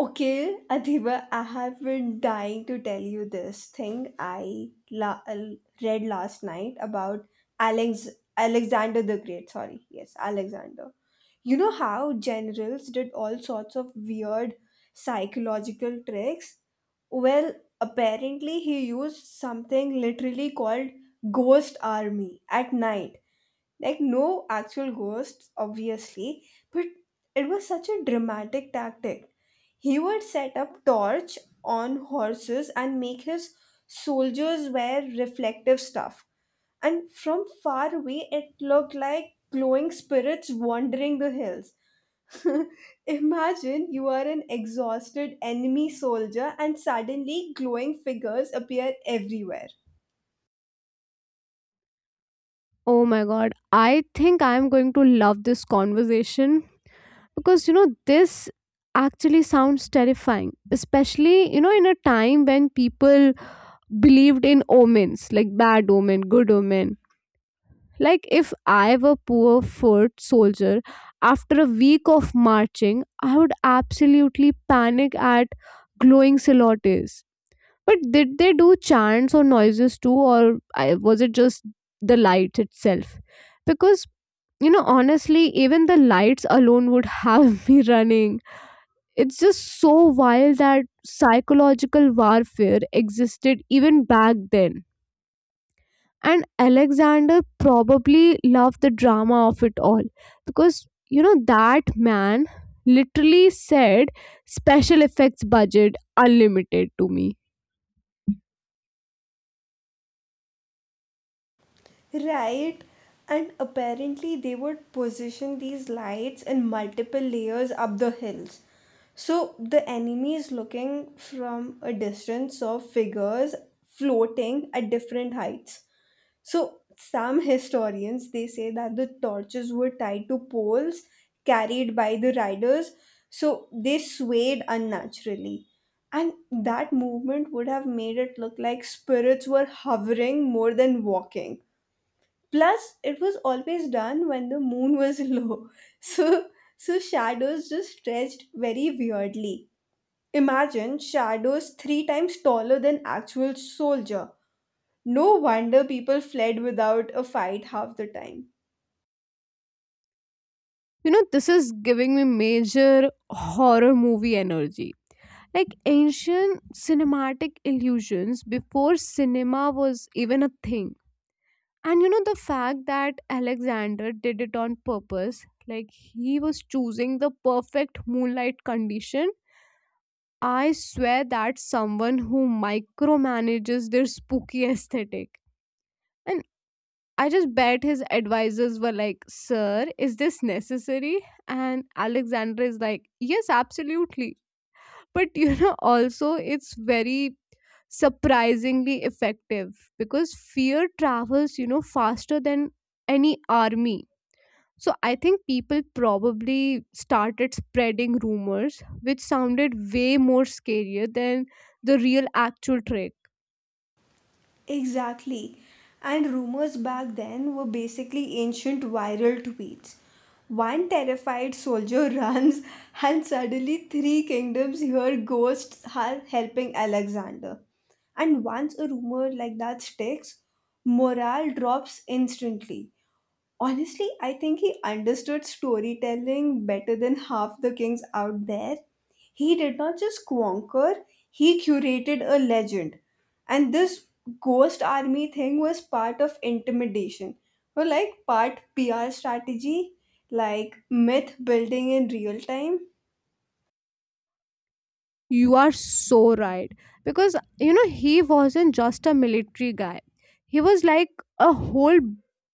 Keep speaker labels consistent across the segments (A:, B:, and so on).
A: Okay, Adhiba, I have been dying to tell you this thing I read last night about Alex Alexander the Great. Sorry, yes, Alexander. You know how generals did all sorts of weird psychological tricks? Well, apparently he used something literally called ghost army at night, like no actual ghosts obviously, but it was such a dramatic tactic. He would set up torch on horses and make his soldiers wear reflective stuff, and from far away it looked like glowing spirits wandering the hills. Imagine you are an exhausted enemy soldier and suddenly glowing figures appear everywhere.
B: Oh my god, I think I'm going to love this conversation because you know this actually sounds terrifying, especially you know in a time when people believed in omens like bad omen, good omen. Like if I were poor foot soldier after a week of marching, I would absolutely panic at glowing silhouettes. But did they do chants or noises too, was it just the lights itself? Because you know, honestly, even the lights alone would have me running. It's just so wild that psychological warfare existed even back then. And Alexander probably loved the drama of it all because, you know, that man literally said special effects budget unlimited to me.
A: Right. And apparently, they would position these lights in multiple layers up the hills. So the enemy is looking from a distance of figures floating at different heights. So some historians they say that the torches were tied to poles carried by the riders, so they swayed unnaturally. And that movement would have made it look like spirits were hovering more than walking. Plus, it was always done when the moon was low, so so shadows just stretched very weirdly. Imagine shadows three times taller than actual soldier. No wonder people fled without a fight half the time.
B: You know, this is giving me major horror movie energy. Like ancient cinematic illusions before cinema was even a thing. And you know, the fact that Alexander did it on purpose, like he was choosing the perfect moonlight condition, I swear that someone who micromanages their spooky aesthetic. And I just bet his advisors were like, Sir, is this necessary? And Alexander is like, Yes, absolutely. But you know, also, it's very surprisingly effective because fear travels, you know, faster than any army. So I think people probably started spreading rumors, which sounded way more scarier than the real actual trick.
A: Exactly. And rumors back then were basically ancient viral tweets. One terrified soldier runs, and suddenly three kingdoms hear ghosts are helping Alexander. And once a rumor like that sticks, morale drops instantly. Honestly, I think he understood storytelling better than half the kings out there. He did not just conquer, he curated a legend. And this ghost army thing was part of intimidation, or like part PR strategy, like myth building in real time.
B: You are so right. Because, you know, he wasn't just a military guy, he was like a whole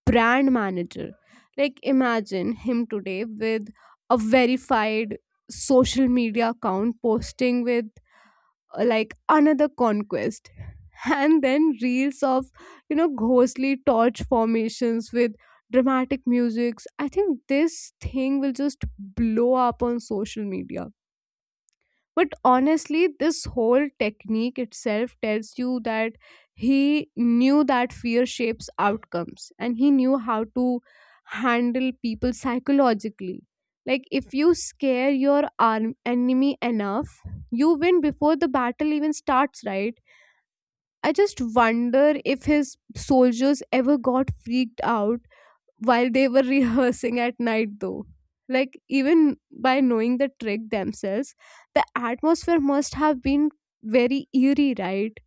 B: brand manager. Like, imagine him today with a verified social media account posting with like another conquest and then reels of you know ghostly torch formations with dramatic musics. I think this thing will just blow up on social media, but honestly this whole technique itself tells you that he knew that fear shapes outcomes and he knew how to handle people psychologically. Like if you scare your arm enemy enough, you win before the battle even starts, right? I just wonder if his soldiers ever got freaked out while they were rehearsing at night though, like even by knowing the trick themselves, the atmosphere must have been very eerie, right?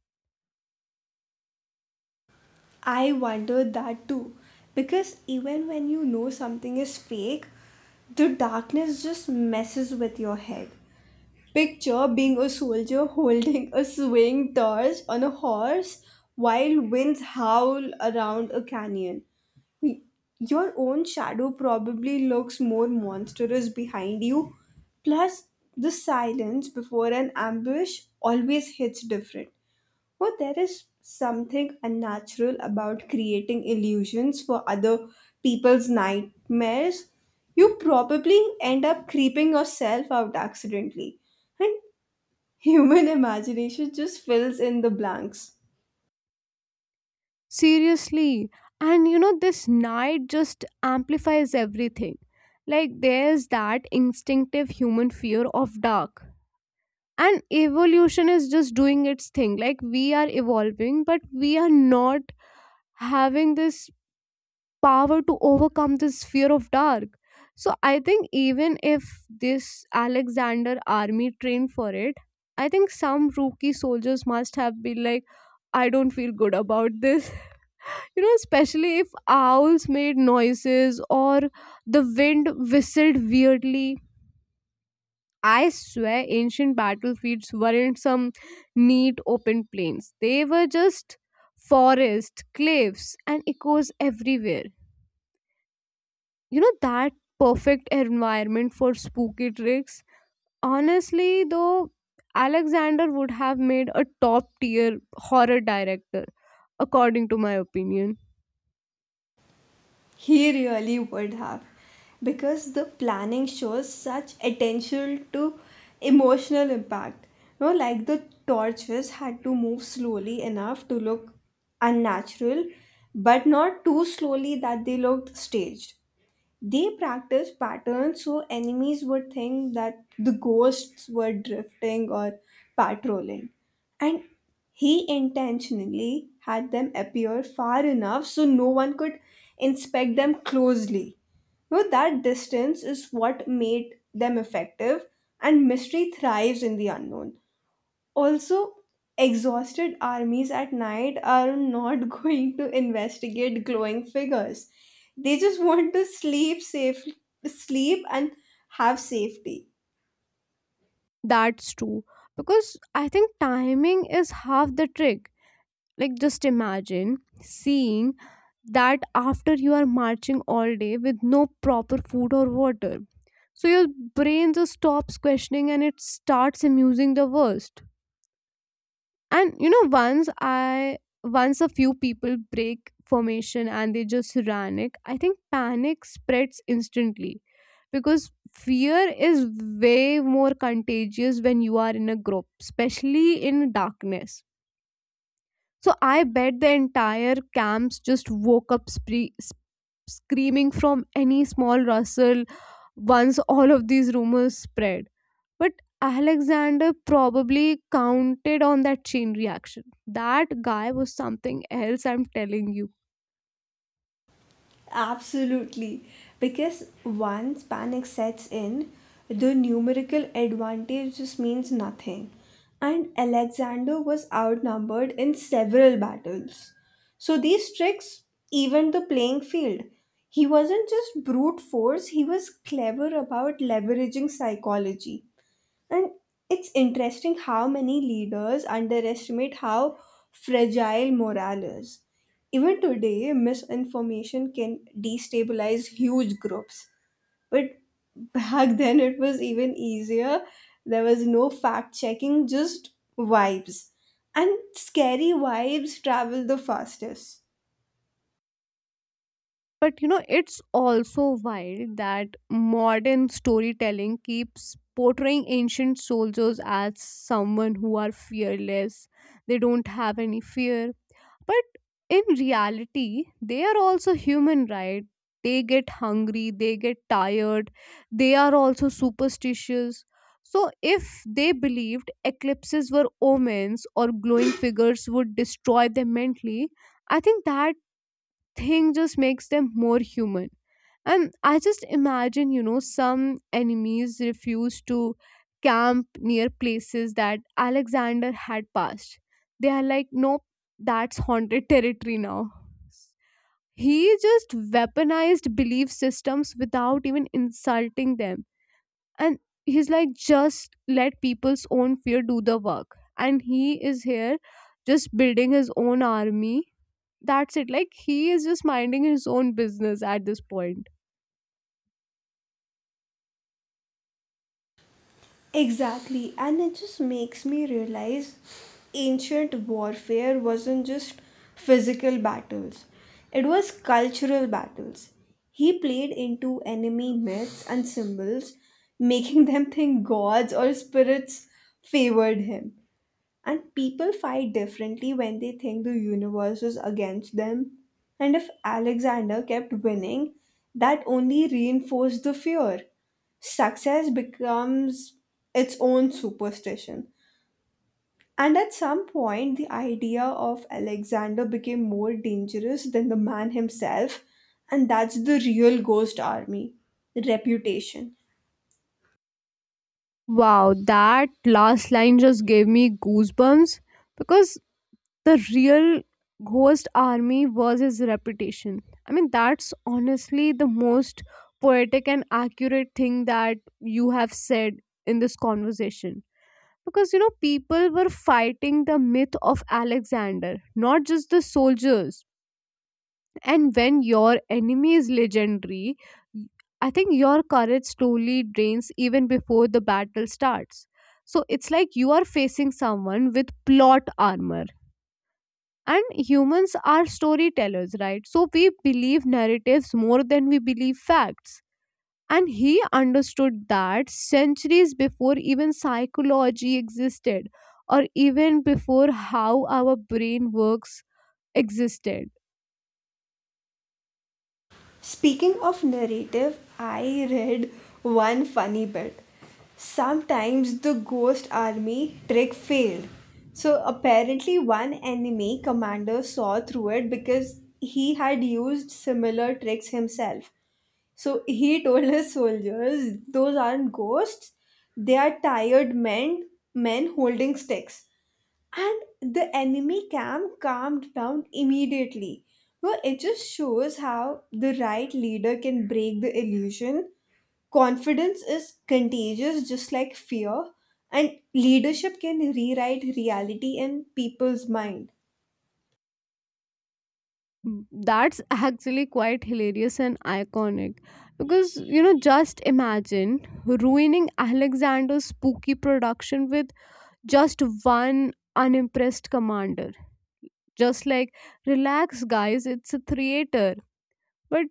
A: I wonder that too, because even when you know something is fake, the darkness just messes with your head. Picture being a soldier holding a swaying torch on a horse while winds howl around a canyon. Your own shadow probably looks more monstrous behind you. Plus, the silence before an ambush always hits different. But there is something unnatural about creating illusions for other people's nightmares. You probably end up creeping yourself out accidentally. And human imagination just fills in the blanks.
B: Seriously, and you know this night just amplifies everything. Like there's that instinctive human fear of dark, and evolution is just doing its thing. Like we are evolving but we are not having this power to overcome this fear of dark. So I think even if this alexander army trained for it, I think some rookie soldiers must have been like, I don't feel good about this. You know especially if owls made noises or the wind whistled weirdly, I swear ancient battlefields weren't some neat open plains. They were just forest, cliffs and echoes everywhere. You know that perfect environment for spooky tricks. Honestly though, alexander would have made a top tier horror director, according to my opinion.
A: He really would have. Because the planning shows such attention to emotional impact. You know, like the torches had to move slowly enough to look unnatural, but not too slowly that they looked staged. They practiced patterns so enemies would think that the ghosts were drifting or patrolling. And he intentionally had them appear far enough so no one could inspect them closely. No, that distance is what made them effective, and mystery thrives in the unknown. Also, exhausted armies at night are not going to investigate glowing figures. They just want to sleep safe, sleep and have safety.
B: That's true, because I think timing is half the trick. Like just imagine seeing that after you are marching all day with no proper food or water. So your brain just stops questioning and it starts amusing the worst. And you know once I Once a few people break formation and they just panic, I think panic spreads instantly because fear is way more contagious when you are in a group, especially in darkness. So I bet the entire camps just woke up screaming from any small rustle once all of these rumors spread. But Alexander probably counted on that chain reaction. That guy was something else, I'm telling you.
A: Absolutely. Because once panic sets in, the numerical advantage just means nothing. And Alexander was outnumbered in several battles. So these tricks evened the playing field. He wasn't just brute force, he was clever about leveraging psychology. And it's interesting how many leaders underestimate how fragile morale is. Even today, misinformation can destabilize huge groups. But back then, it was even easier. There was no fact checking, just vibes. And scary vibes travel the fastest.
B: But you know, it's also wild that modern storytelling keeps portraying ancient soldiers as someone who are fearless. They don't have any fear. But in reality, they are also human, right? They get hungry, they get tired, they are also superstitious. So, if they believed eclipses were omens or glowing figures would destroy them mentally, I think that thing just makes them more human. And I just imagine, you know, some enemies refused to camp near places that Alexander had passed. They are like, nope, that's haunted territory now. He just weaponized belief systems without even insulting them. And he's like, just let people's own fear do the work. And he is here just building his own army. That's it. Like, he is just minding his own business at this point.
A: Exactly, and it just makes me realize ancient warfare wasn't just physical battles, it was cultural battles. He played into enemy myths and symbols, making them think gods or spirits favored him. And people fight differently when they think the universe is against them. And if Alexander kept winning, that only reinforced the fear. Success becomes its own superstition. And at some point, the idea of Alexander became more dangerous than the man himself, and that's the real ghost army reputation.
B: Wow, that last line just gave me goosebumps because the real ghost army was his reputation. I mean, that's honestly the most poetic and accurate thing that you have said in this conversation. Because, you know, people were fighting the myth of Alexander, not just the soldiers. And when your enemy is legendary, y- I think your courage slowly drains even before the battle starts. So it's like you are facing someone with plot armor. And humans are storytellers, right? So we believe narratives more than we believe facts. And he understood that centuries before even psychology existed, or even before how our brain works existed.
A: Speaking of narrative, I read one funny bit. Sometimes the ghost army trick failed. So apparently, one enemy commander saw through it because he had used similar tricks himself. So he told his soldiers, those aren't ghosts, they are tired men, men holding sticks. And the enemy camp calmed down immediately. Well, it just shows how the right leader can break the illusion. Confidence is contagious, just like fear, and leadership can rewrite reality in people's mind.
B: Mm, that's actually quite hilarious and iconic. Because, you know, just imagine ruining Alexander's spooky production with just one unimpressed commander. Just like, relax, guys, it's a theater. But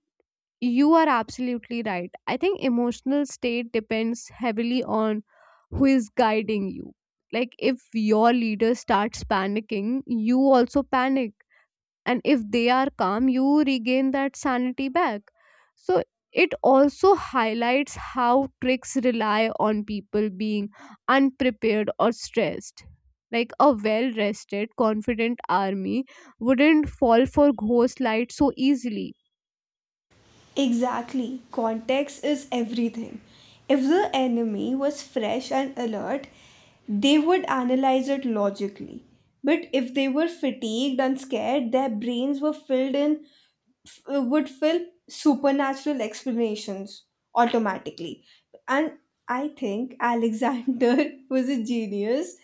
B: you are absolutely right. I think emotional state depends heavily on who is guiding you. Like, if your leader starts panicking, you also panic, and if they are calm you regain that sanity back. So it also highlights how tricks rely on people being unprepared or stressed. Like a well rested confident army wouldn't fall for ghost light so easily.
A: Exactly. Context is everything. If the enemy was fresh and alert, they would analyze it logically. But if they were fatigued and scared, their brains were filled in would fill supernatural explanations automatically. And I think Alexander was a genius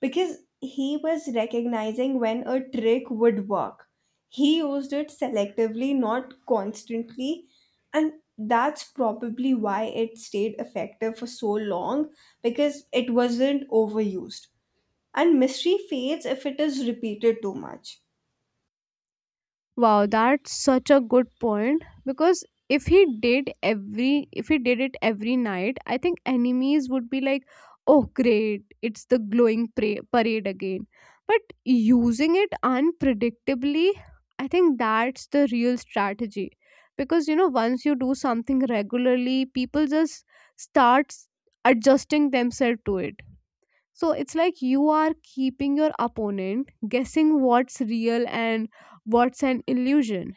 A: because he was recognizing when a trick would work. He used it selectively, not constantly. And that's probably why it stayed effective for so long, because it wasn't overused. And mystery fades if it is repeated too much.
B: Wow, that's such a good point because if he did it every night, I think enemies would be like, "Oh great, it's the glowing parade again." But using it unpredictably, I think that's the real strategy. Because you know, once you do something regularly, people just start adjusting themselves to it. So it's like you are keeping your opponent guessing what's real and what's an illusion.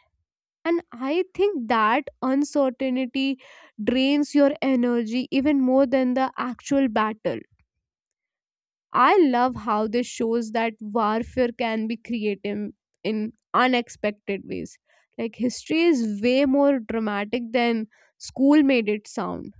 B: And I think that uncertainty drains your energy even more than the actual battle. I love how this shows that warfare can be creative in unexpected ways. Like history is way more dramatic than school made it sound.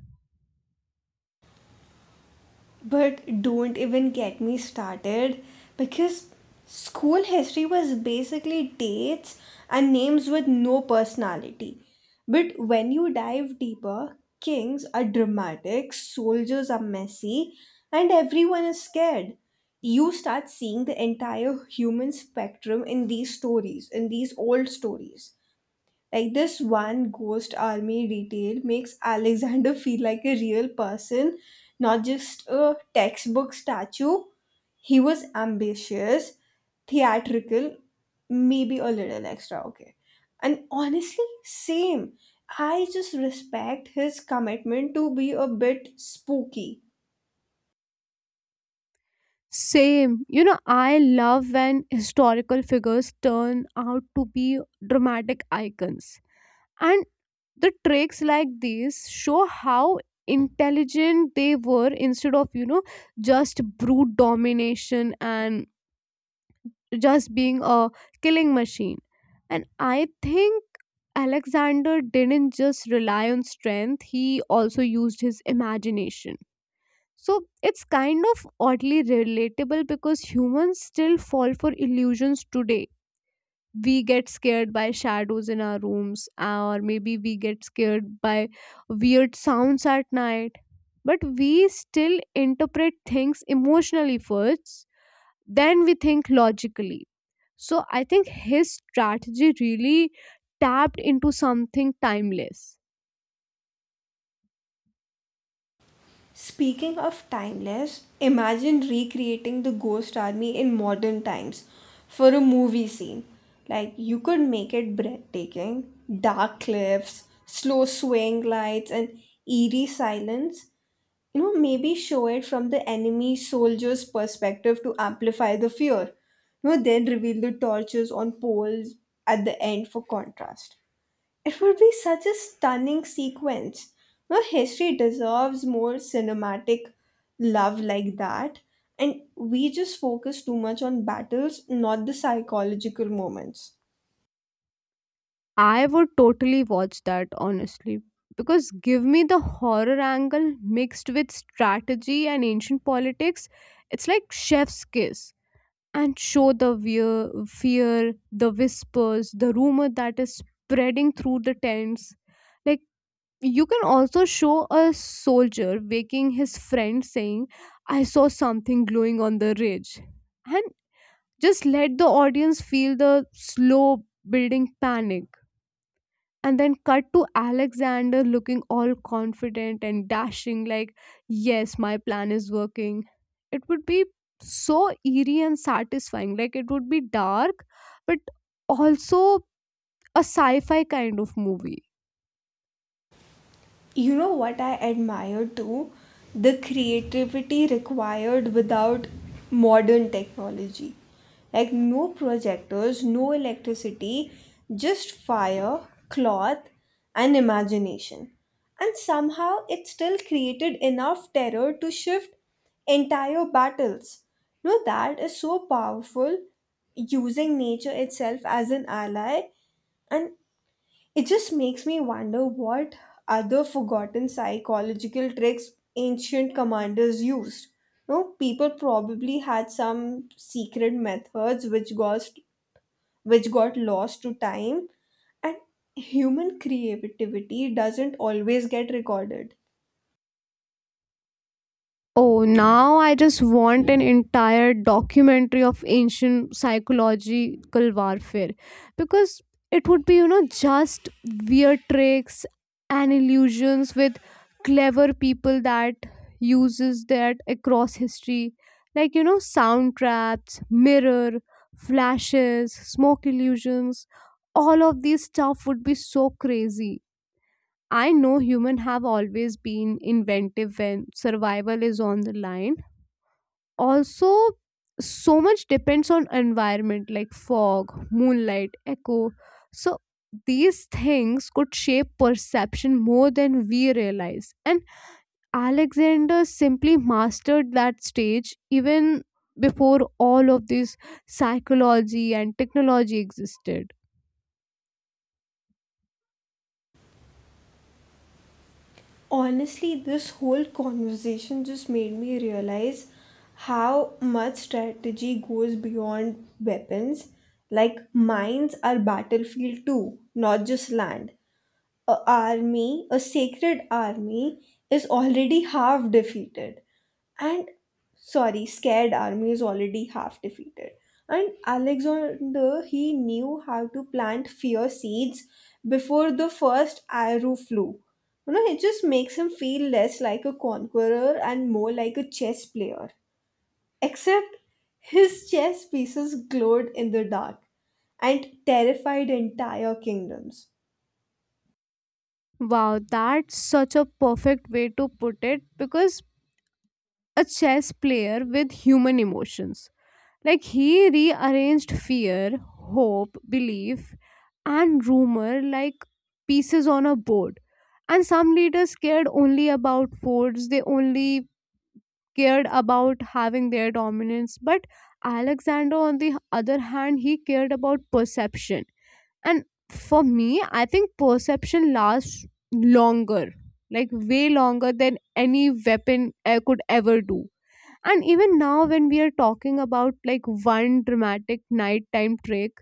A: But don't even get me started, because school history was basically dates and names with no personality. But when you dive deeper, kings are dramatic, soldiers are messy, and everyone is scared. You start seeing the entire human spectrum in these stories, in these old stories. Like this one ghost army detail makes Alexander feel like a real person, not just a textbook statue. He was ambitious, theatrical, maybe a little extra, okay. And honestly, same. I just respect his commitment to be a bit spooky.
B: Same. You know, I love when historical figures turn out to be dramatic icons. And the tricks like these show how intelligent they were, instead of, you know, just brute domination and just being a killing machine. And I think Alexander didn't just rely on strength, he also used his imagination. So it's kind of oddly relatable because humans still fall for illusions today. We get scared by shadows in our rooms, or maybe we get scared by weird sounds at night. But we still interpret things emotionally first, then we think logically. So I think his strategy really tapped into something timeless.
A: Speaking of timeless, imagine recreating the Ghost Army in modern times for a movie scene. Like, you could make it breathtaking. Dark cliffs, slow swaying lights, and eerie silence. You know, maybe show it from the enemy soldier's perspective to amplify the fear. You know, then reveal the torches on poles at the end for contrast. It would be such a stunning sequence. No, history deserves more cinematic love like that. And we just focus too much on battles, not the psychological moments.
B: I would totally watch that honestly, because give me the horror angle mixed with strategy and ancient politics. It's like chef's kiss. And show the fear, the whispers, the rumor that is spreading through the tents. Like you can also show a soldier waking his friend saying, I saw something glowing on the ridge. And just let the audience feel the slow building panic, and then cut to alexander looking all confident and dashing like, yes my plan is working. It would be so eerie and satisfying. Like it would be dark but also a sci-fi kind of movie.
A: You know what I admire too? The creativity required without modern technology. Like no projectors, no electricity, just fire, cloth, and imagination. And somehow it still created enough terror to shift entire battles. No, that is so powerful, using nature itself as an ally, and it just makes me wonder what other forgotten psychological tricks ancient commanders used. No, people probably had some secret methods which got lost to time, and human creativity doesn't always get recorded.
B: Oh, now I just want an entire documentary of ancient psychological warfare because it would be, you know, just weird tricks and illusions with clever people that uses that across history, like you know sound traps, mirror flashes, smoke illusions. All of these stuff would be so crazy. I know humans have always been inventive when survival is on the line. Also, so much depends on environment, like fog, moonlight, echo. So these things could shape perception more than we realize. And Alexander simply mastered that stage even before all of this psychology and technology existed.
A: Honestly, this whole conversation just made me realize how much strategy goes beyond weapons. Like mines are battlefield too, not just land. A sacred army is already half defeated. And sorry, scared army is already half defeated. And Alexander, he knew how to plant fear seeds before the first arrow flew. You know, it just makes him feel less like a conqueror and more like a chess player. Except his chess pieces glowed in the dark and terrified entire kingdoms.
B: Wow, that's such a perfect way to put it, because a chess player with human emotions. Like he rearranged fear, hope, belief, and rumor like pieces on a board. And some leaders cared only about forts, they only cared about having their dominance. But Alexander, on the other hand, he cared about perception. And for me, I think perception lasts longer, like way longer than any weapon could ever do. And even now, when we are talking about like one dramatic nighttime trick,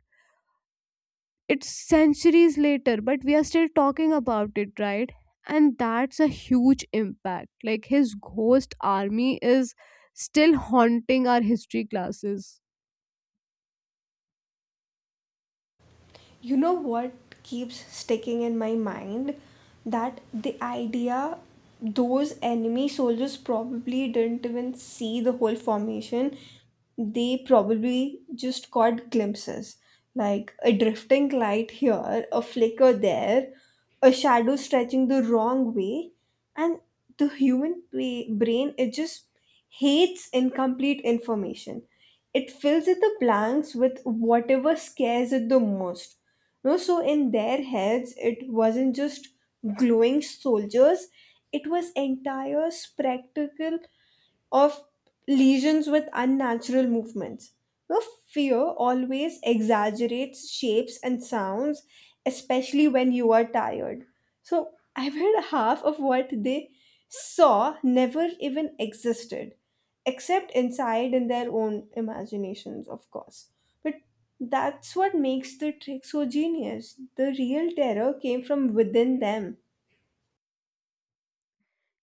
B: it's centuries later but we are still talking about it, right? And that's a huge impact. Like his ghost army is still haunting our history classes.
A: You know what keeps sticking in my mind, that the idea those enemy soldiers probably didn't even see the whole formation. They probably just caught glimpses, like a drifting light here, a flicker there, a shadow stretching the wrong way. And the brain, it just hates incomplete information. It fills in the blanks with whatever scares it the most. No, so in their heads it wasn't just glowing soldiers, it was entire spectacle of lesions with unnatural movements. Now, fear always exaggerates shapes and sounds, especially when you are tired. So, I bet half of what they saw never even existed, except inside in their own imaginations, of course. But that's what makes the trick so genius. The real terror came from within them.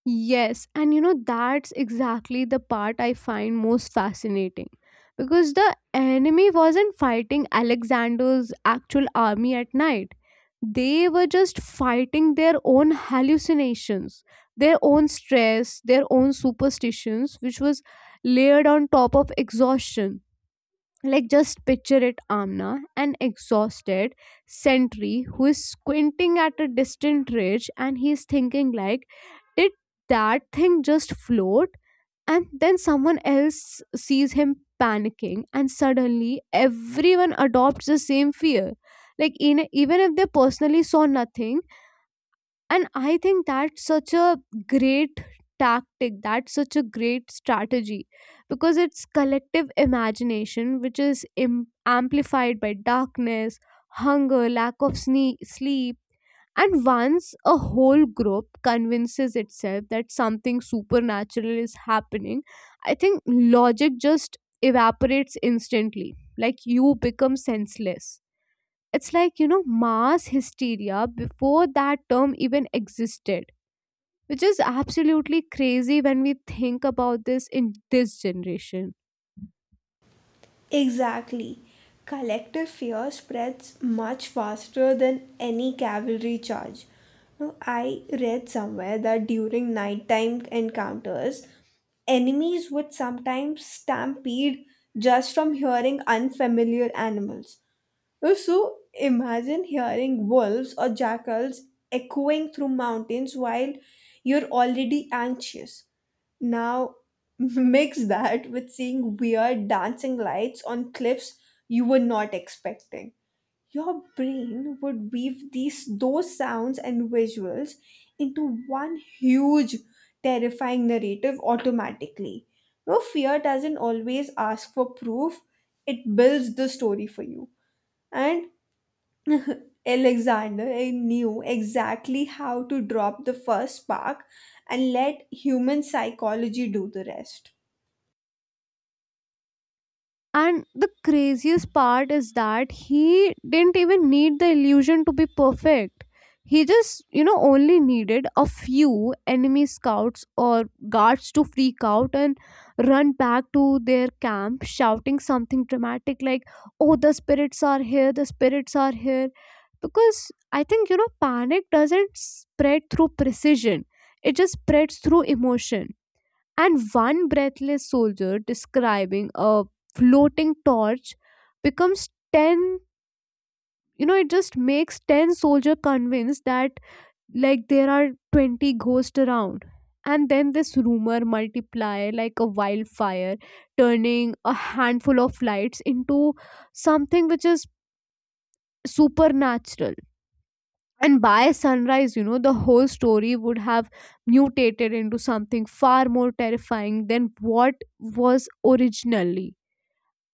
B: Yes, and you know, that's exactly the part I find most fascinating because the enemy wasn't fighting Alexander's actual army at night, they were just fighting their own hallucinations, their own stress, their own superstitions, which was layered on top of exhaustion. Like, just picture it Amna, an exhausted sentry who is squinting at a distant ridge and he's thinking, like, did that thing just float? And then someone else sees him panicking, and suddenly everyone adopts the same fear. Like, in, even if they personally saw nothing. And I think that's such a great tactic, that's such a great strategy, because it's collective imagination which is amplified by darkness, hunger, lack of sleep. And once a whole group convinces itself that something supernatural is happening, I think logic just evaporates instantly. Like you become senseless. It's like, you know, mass hysteria before that term even existed, which is absolutely crazy when we think about this in this generation.
A: Exactly. Collective fear spreads much faster than any cavalry charge. Now, I read somewhere that during nighttime encounters, enemies would sometimes stampede just from hearing unfamiliar animals. Oh, so imagine hearing wolves or jackals echoing through mountains while you're already anxious. Now, mix that with seeing weird dancing lights on cliffs you were not expecting. Your brain would weave these those sounds and visuals into one huge terrifying narrative automatically. No, fear doesn't always ask for proof, it builds the story for you. And Alexander knew exactly how to drop the first spark and let human psychology do the rest.
B: And the craziest part is that he didn't even need the illusion to be perfect. He just, you know, only needed a few enemy scouts or guards to freak out and run back to their camp shouting something dramatic like, Oh, the spirits are here, the spirits are here. Because I think, you know, panic doesn't spread through precision, it just spreads through emotion. And one breathless soldier describing a floating torch becomes 10. You know it just makes 10 soldier convinced that like there are 20 ghosts around. And then this rumor multiply like a wildfire, turning a handful of lights into something which is supernatural. And by sunrise, you know, the whole story would have mutated into something far more terrifying than what was originally.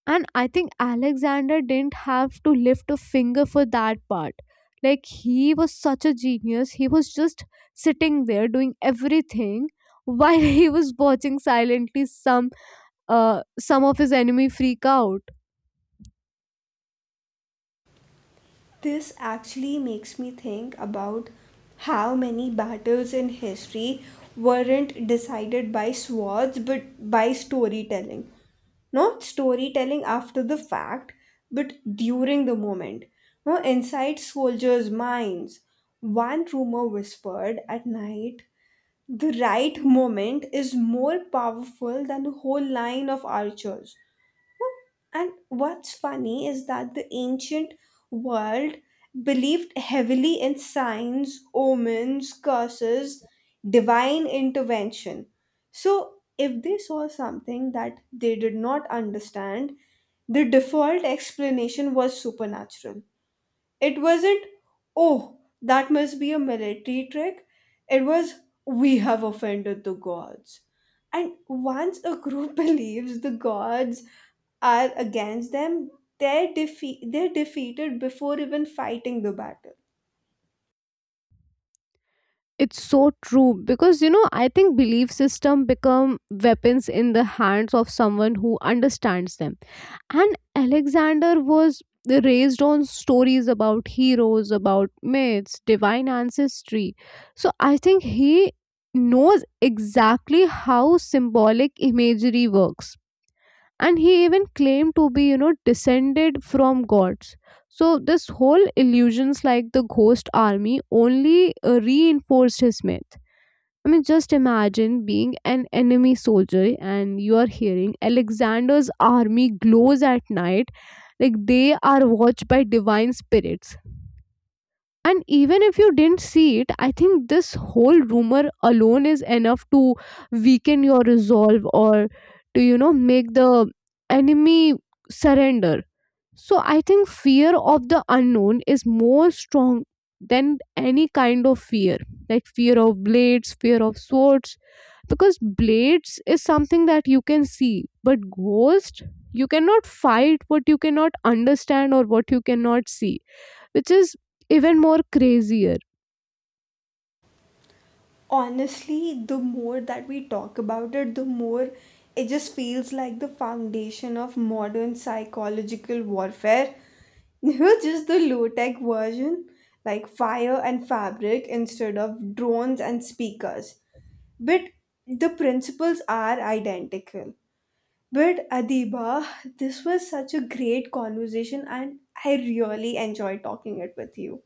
B: And I think Alexander didn't have to lift a finger for that part. Like, he was such a genius. He was just sitting there doing everything while he was watching silently some of his enemy freak out.
A: This actually makes me think about how many battles in history weren't decided by swords but by storytelling. Not storytelling after the fact, but during the moment. No, inside soldiers' minds. One rumor whispered at night, the right moment, is more powerful than the whole line of archers. Oh, and what's funny is that the ancient world believed heavily in signs, omens, curses, divine intervention. So, if they saw something that they did not understand, the default explanation was supernatural. It wasn't, oh, that must be a military trick. It was, we have offended the gods. And once a group believes the gods are against them, they're defeated before even fighting the battle.
B: It's so true because you know I think belief system become weapons in the hands of someone who understands them. And alexander was raised on stories about heroes, about myths, divine ancestry. So I think he knows exactly how symbolic imagery works, and he even claimed to be you know descended from gods. So this whole illusions like the ghost army only reinforced his myth. I mean, just imagine being an enemy soldier and you are hearing Alexander's army glows at night, like they are watched by divine spirits. And even if you didn't see it, I think this whole rumor alone is enough to weaken your resolve or to, you know, make the enemy surrender. So I think fear of the unknown is more strong than any kind of fear, like fear of blades, fear of swords, because blades is something that you can see, but ghost, you cannot fight what you cannot understand or what you cannot see, which is even more crazier.
A: Honestly, the more that we talk about it, the more it just feels like the foundation of modern psychological warfare. You know, just the low tech version, like fire and fabric instead of drones and speakers, but the principles are identical. But Adiba, this was such a great conversation and I really enjoyed talking it with you.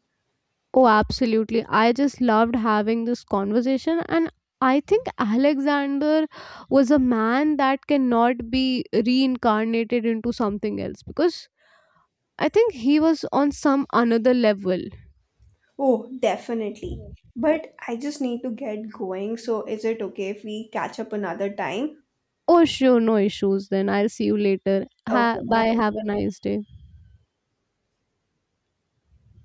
B: Oh, absolutely. I just loved having this conversation. And I think Alexander was a man that cannot be reincarnated into something else because I think he was on some another level.
A: Oh, definitely. But I just need to get going. So is it okay if we catch up another time?
B: Oh, sure. No issues then. I'll see you later.
A: Okay,
B: Bye.
A: bye.
B: Have a nice day.